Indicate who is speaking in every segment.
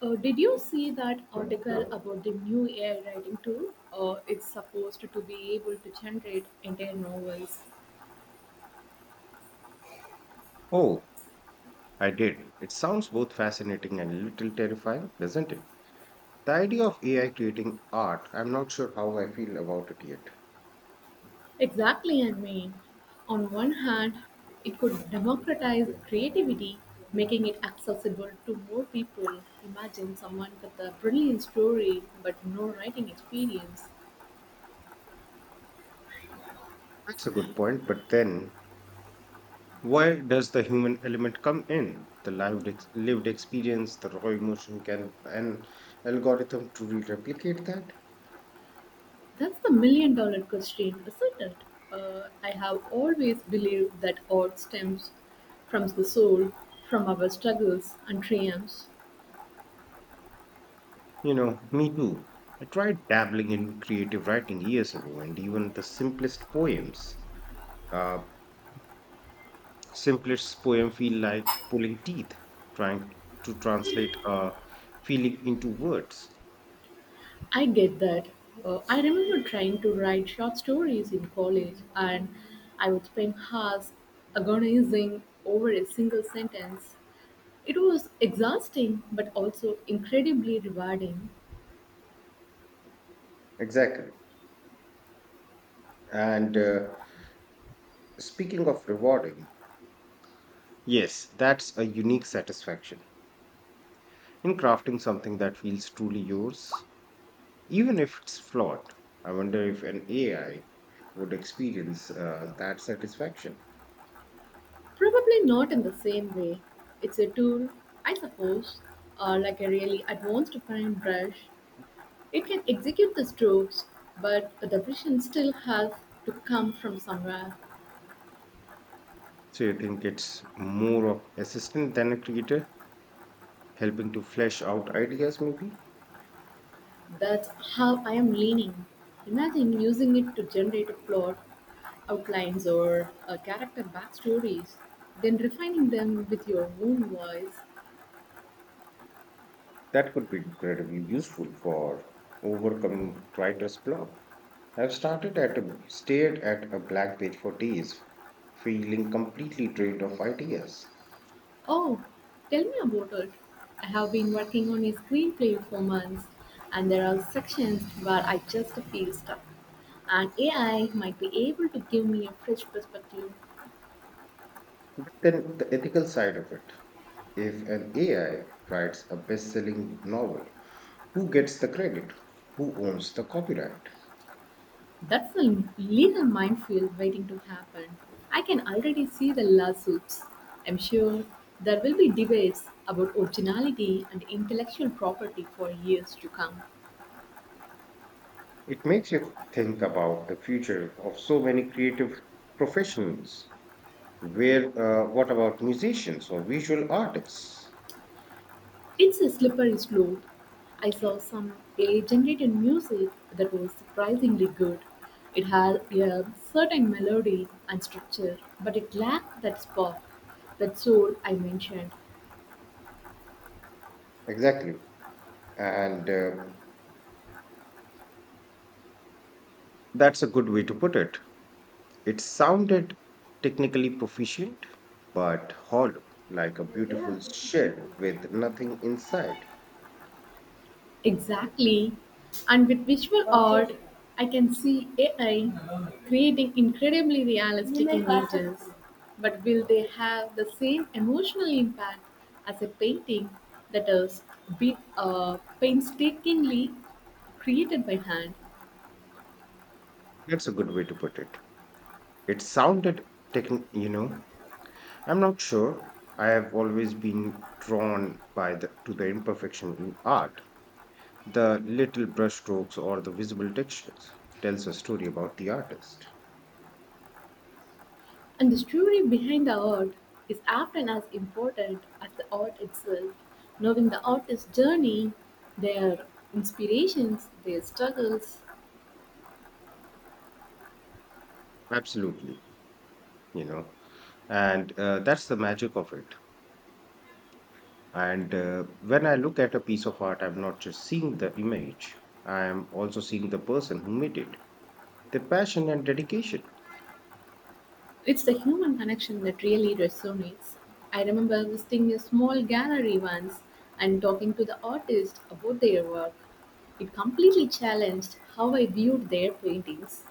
Speaker 1: Did you see that article about the new AI writing tool? It's supposed to be able to generate entire novels.
Speaker 2: Oh, I did. It sounds both fascinating and a little terrifying, doesn't it? The idea of AI creating art, I'm not sure how I feel about it yet.
Speaker 1: Exactly, I mean, on one hand, it could democratize creativity, making it accessible to more people. Imagine someone with a brilliant story but no writing experience.
Speaker 2: That's a good point, but then where does the human element come in? The lived, lived experience, the raw emotion, can an algorithm truly replicate that?
Speaker 1: That's the million dollar question, isn't it? I have always believed that art stems from the soul, from our struggles and triumphs.
Speaker 2: You know, me too. I tried dabbling in creative writing years ago, and even the simplest poems. Uh, Simplist's poem feel like pulling teeth, trying to translate a feeling into words.
Speaker 1: I get that. I remember trying to write short stories in college, and I would spend hours agonizing over a single sentence. It was exhausting, but also incredibly rewarding.
Speaker 2: Exactly. And Speaking of rewarding, yes, that's a unique satisfaction in crafting something that feels truly yours, even if it's flawed. I wonder if an AI would experience that satisfaction.
Speaker 1: Probably not in the same way. It's a tool, I suppose, like a really advanced fine brush. It can execute the strokes, but the precision still has to come from somewhere.
Speaker 2: So you think it's more of assistant than a creator, helping to flesh out ideas maybe?
Speaker 1: That's how I am leaning. Imagine using it to generate a plot, outlines, or character backstories, then refining them with your own voice.
Speaker 2: That could be incredibly useful for overcoming writer's block. I've started at a, stared at a blank page for days, feeling completely drained of ideas.
Speaker 1: Oh, tell me about it. I have been working on a screenplay for months, and there are sections where I just feel stuck. And AI might be able to give me a fresh perspective.
Speaker 2: Then the ethical side of it. If an AI writes a best-selling novel, who gets the credit? Who owns the copyright?
Speaker 1: That's a legal minefield waiting to happen. I can already see the lawsuits. I'm sure there will be debates about originality and intellectual property for years to come.
Speaker 2: It makes you think about the future of so many creative professionals. Where, what about musicians or visual artists?
Speaker 1: It's a slippery slope. I saw some AI generated music that was surprisingly good. It had a certain melody and structure, but it lacked that spark, that soul I mentioned.
Speaker 2: Exactly. And That's a good way to put it. It sounded technically proficient, but hollow, like a beautiful shell with nothing inside.
Speaker 1: Exactly. And with visual art, I can see AI creating incredibly realistic images. But will they have the same emotional impact as a painting that is painstakingly created by hand?
Speaker 2: That's a good way to put it. It sounded you know, I'm not sure. I have always been drawn by the to the imperfection in art. The little brushstrokes or the visible textures tells a story about the artist.
Speaker 1: And the story behind the art is often as important as the art itself. Knowing the artist's journey, their inspirations, their struggles,
Speaker 2: Absolutely, you know, and that's the magic of it. And When I look at a piece of art, I'm not just seeing the image, I am also seeing the person who made it, the passion and dedication.
Speaker 1: it's the human connection that really resonates. I remember visiting a small gallery once and talking to the artist about their work. It completely challenged how I viewed their paintings.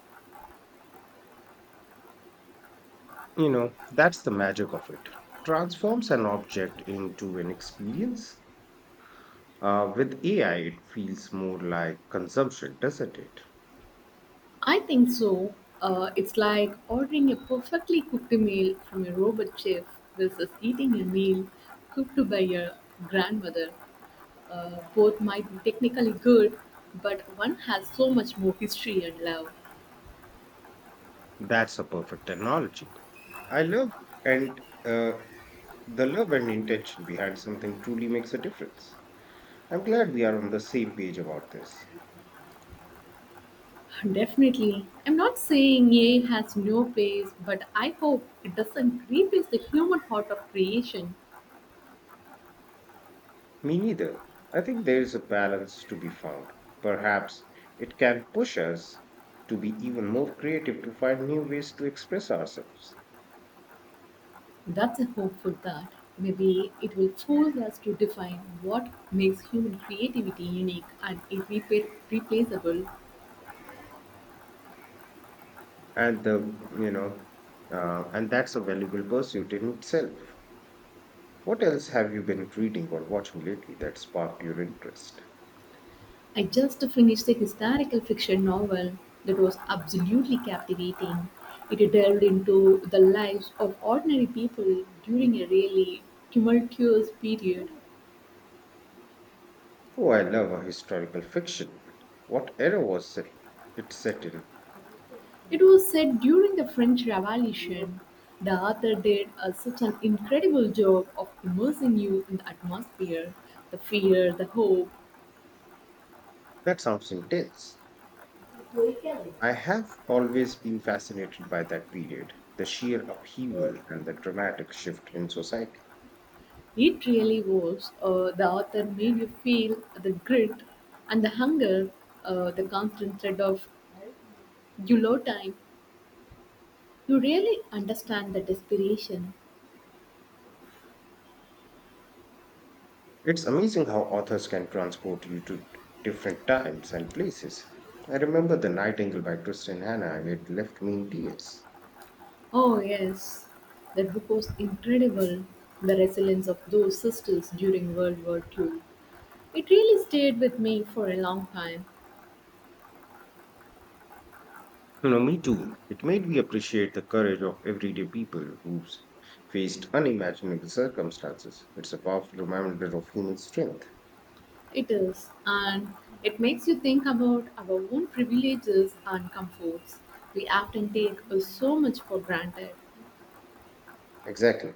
Speaker 2: You know, that's the magic of it. Transforms an object into an experience. With AI, it feels more like consumption, doesn't it?
Speaker 1: I think so. It's like ordering a perfectly cooked meal from a robot chef versus eating a meal cooked by your grandmother. Both might be technically good, but one has so much more history and love.
Speaker 2: That's a perfect analogy. I love and the love and intention behind something truly makes a difference. I'm glad we are on the same page about this.
Speaker 1: Definitely. I'm not saying AI has no place, but I hope it doesn't replace the human heart of creation.
Speaker 2: Me neither. I think there is a balance to be found. Perhaps it can push us to be even more creative to find new ways to express ourselves.
Speaker 1: That's a hope for that. Maybe it will force us to define what makes human creativity unique and replaceable.
Speaker 2: And the, you know, and that's a valuable pursuit in itself. What else have you been reading or watching lately that sparked your interest?
Speaker 1: I just finished a historical fiction novel that was absolutely captivating. It delved into the lives of ordinary people during a really tumultuous period.
Speaker 2: Oh, I love a historical fiction. What era was it, it's set in?
Speaker 1: It was said during the French Revolution; the author did such an incredible job of immersing you in the atmosphere, the fear, the hope.
Speaker 2: That sounds intense. I have always been fascinated by that period, the sheer upheaval and the dramatic shift in society.
Speaker 1: It really was. The author made you feel the grit and the hunger, the constant threat of you low time. You really understand the desperation.
Speaker 2: It's amazing how authors can transport you to different times and places. I remember The Nightingale by Kristen Hannah, and it left me in tears.
Speaker 1: Oh, yes. The book was incredible. The resilience of those sisters during World War Two. It really stayed with me for a long time.
Speaker 2: You know, me too. It made me appreciate the courage of everyday people who faced unimaginable circumstances. It's a powerful reminder of human strength.
Speaker 1: It is, and it makes you think about our own privileges and comforts. We often take so much for granted.
Speaker 2: Exactly.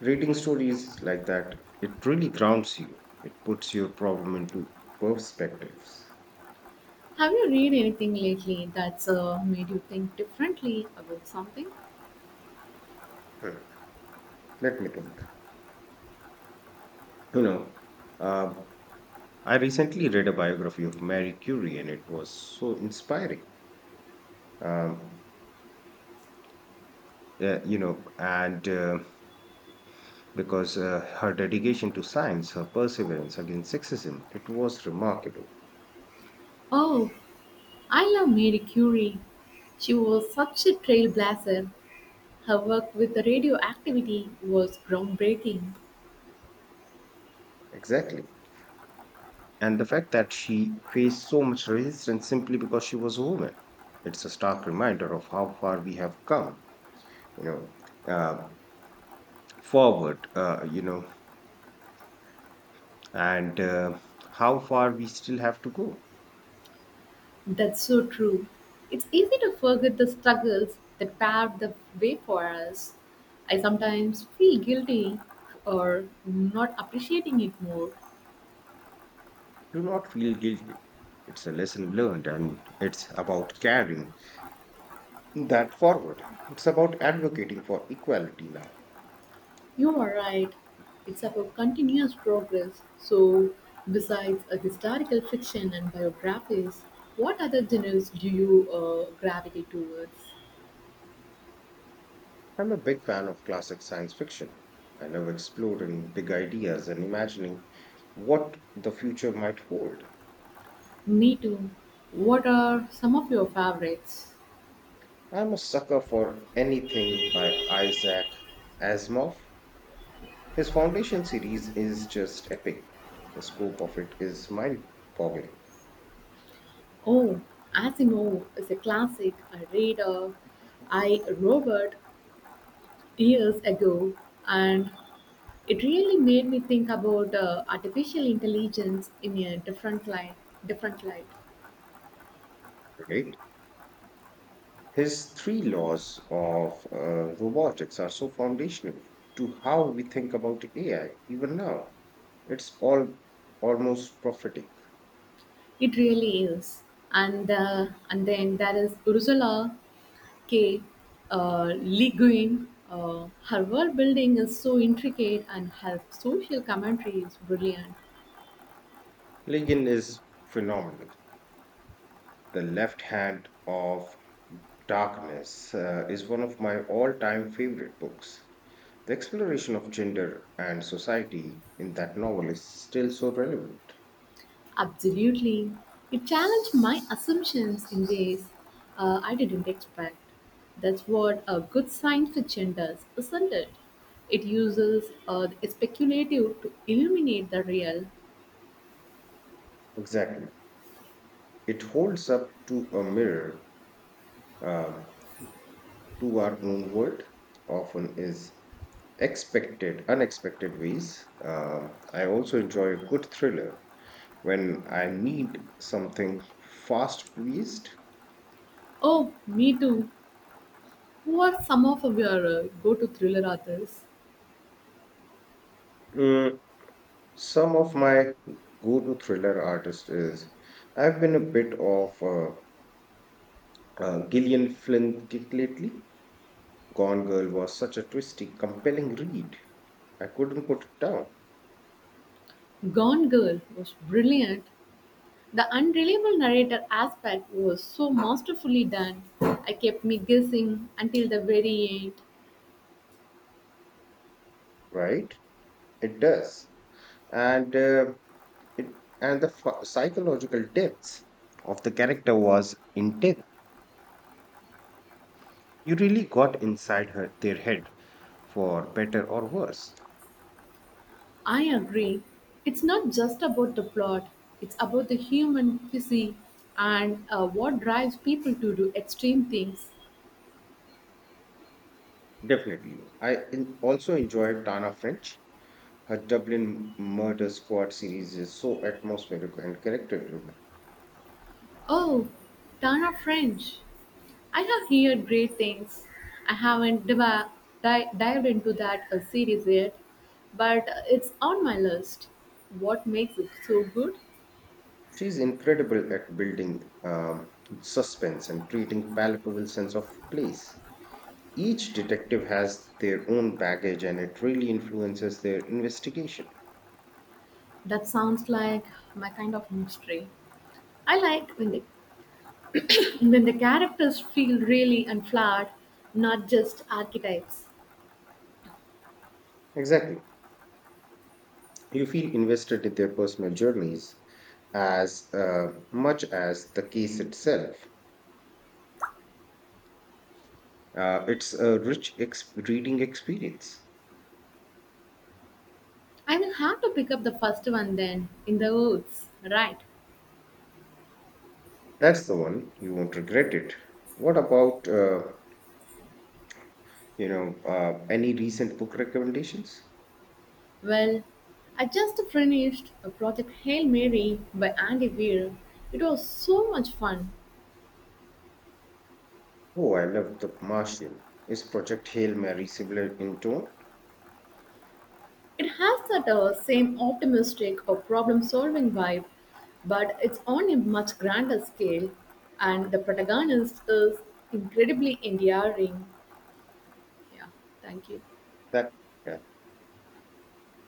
Speaker 2: Reading stories like that, it really grounds you. It puts your problem into perspectives.
Speaker 1: Have you read anything lately that's made you think differently about something?
Speaker 2: Hmm, Let me think. You know, um, I recently read a biography of Marie Curie, and it was so inspiring. Um, yeah, you know, and because her dedication to science, her perseverance against sexism, it was remarkable.
Speaker 1: Oh, I love Marie Curie. She was such a trailblazer. Her work with the radioactivity was groundbreaking.
Speaker 2: Exactly. And the fact that she faced so much resistance simply because she was a woman, it's a stark reminder of how far we have come, you know, uh, forward, you know, and how far we still have to go.
Speaker 1: That's so true. It's easy to forget the struggles that paved the way for us. I sometimes feel guilty or not appreciating it more.
Speaker 2: Do not feel guilty. It's a lesson learned, and it's about carrying that forward. It's about advocating for equality now.
Speaker 1: You are right. It's about continuous progress. So, besides a historical fiction and biographies, what other genres do you gravitate towards?
Speaker 2: I'm a big fan of classic science fiction. I love exploring big ideas and imagining what the future might hold.
Speaker 1: Me too. What are some of your favorites?
Speaker 2: I'm a sucker for anything by Isaac Asimov. His Foundation series is just epic. The scope of it is mind boggling,
Speaker 1: Oh, Asimov is a classic. I read I Robot years ago, and it really made me think about artificial intelligence in a different light. Different light.
Speaker 2: right? His three laws of robotics are so foundational to how we think about AI even now. It's all almost prophetic.
Speaker 1: It really is. And then there is Ursula K. Le Guin. Her world building is so intricate, and her social commentary is brilliant.
Speaker 2: Ligon is phenomenal. The Left Hand of Darkness is one of my all time favorite books. The exploration of gender and society in that novel is still so relevant.
Speaker 1: Absolutely. It challenged my assumptions in ways I didn't expect. That's what a good science fiction does, isn't it? It uses the speculative to illuminate the real.
Speaker 2: Exactly. It holds up to a mirror um, to our own world, often is unexpected ways. I also enjoy a good thriller when I need something fast paced.
Speaker 1: Oh, me too. Who are some of your go to thriller authors?
Speaker 2: Mm, some of my go-to thriller artists is I've been a bit of Gillian Flynn kick lately. Gone Girl was such a twisty, compelling read. I couldn't put it down.
Speaker 1: Gone Girl was brilliant. The unreliable narrator aspect was so masterfully done. I kept me guessing until the very end.
Speaker 2: Right? It does, and uh, and the psychological depths of the character was intense. You really got inside her their head, for better or worse.
Speaker 1: I agree. It's not just about the plot, it's about the human physique and what drives people to do extreme things.
Speaker 2: Definitely. Also enjoyed Tana French. Her Dublin Murder Squad series is so atmospheric and character driven.
Speaker 1: Oh, Tana French. I have heard great things. I haven't dived into that series yet, but it's on my list. What makes it so good?
Speaker 2: She's incredible at building suspense and creating palpable sense of place. Each detective has their own baggage and it really influences their investigation.
Speaker 1: That sounds like my kind of mystery. I like when the characters feel really unflawed, not just archetypes.
Speaker 2: Exactly. You feel invested in their personal journeys as much as the case itself. It's a rich reading experience.
Speaker 1: I will have to pick up the first one then, in the woods. Right.
Speaker 2: That's the one. You won't regret it. What about any recent book recommendations?
Speaker 1: Well, I just finished a project Hail Mary by Andy Weir. It was so much fun.
Speaker 2: Oh, I love The Martian. Is Project Hail Mary similar in tone?
Speaker 1: It has that same optimistic or problem solving vibe, but it's on a much grander scale, and the protagonist is incredibly endearing. Yeah, thank you.
Speaker 2: That yeah.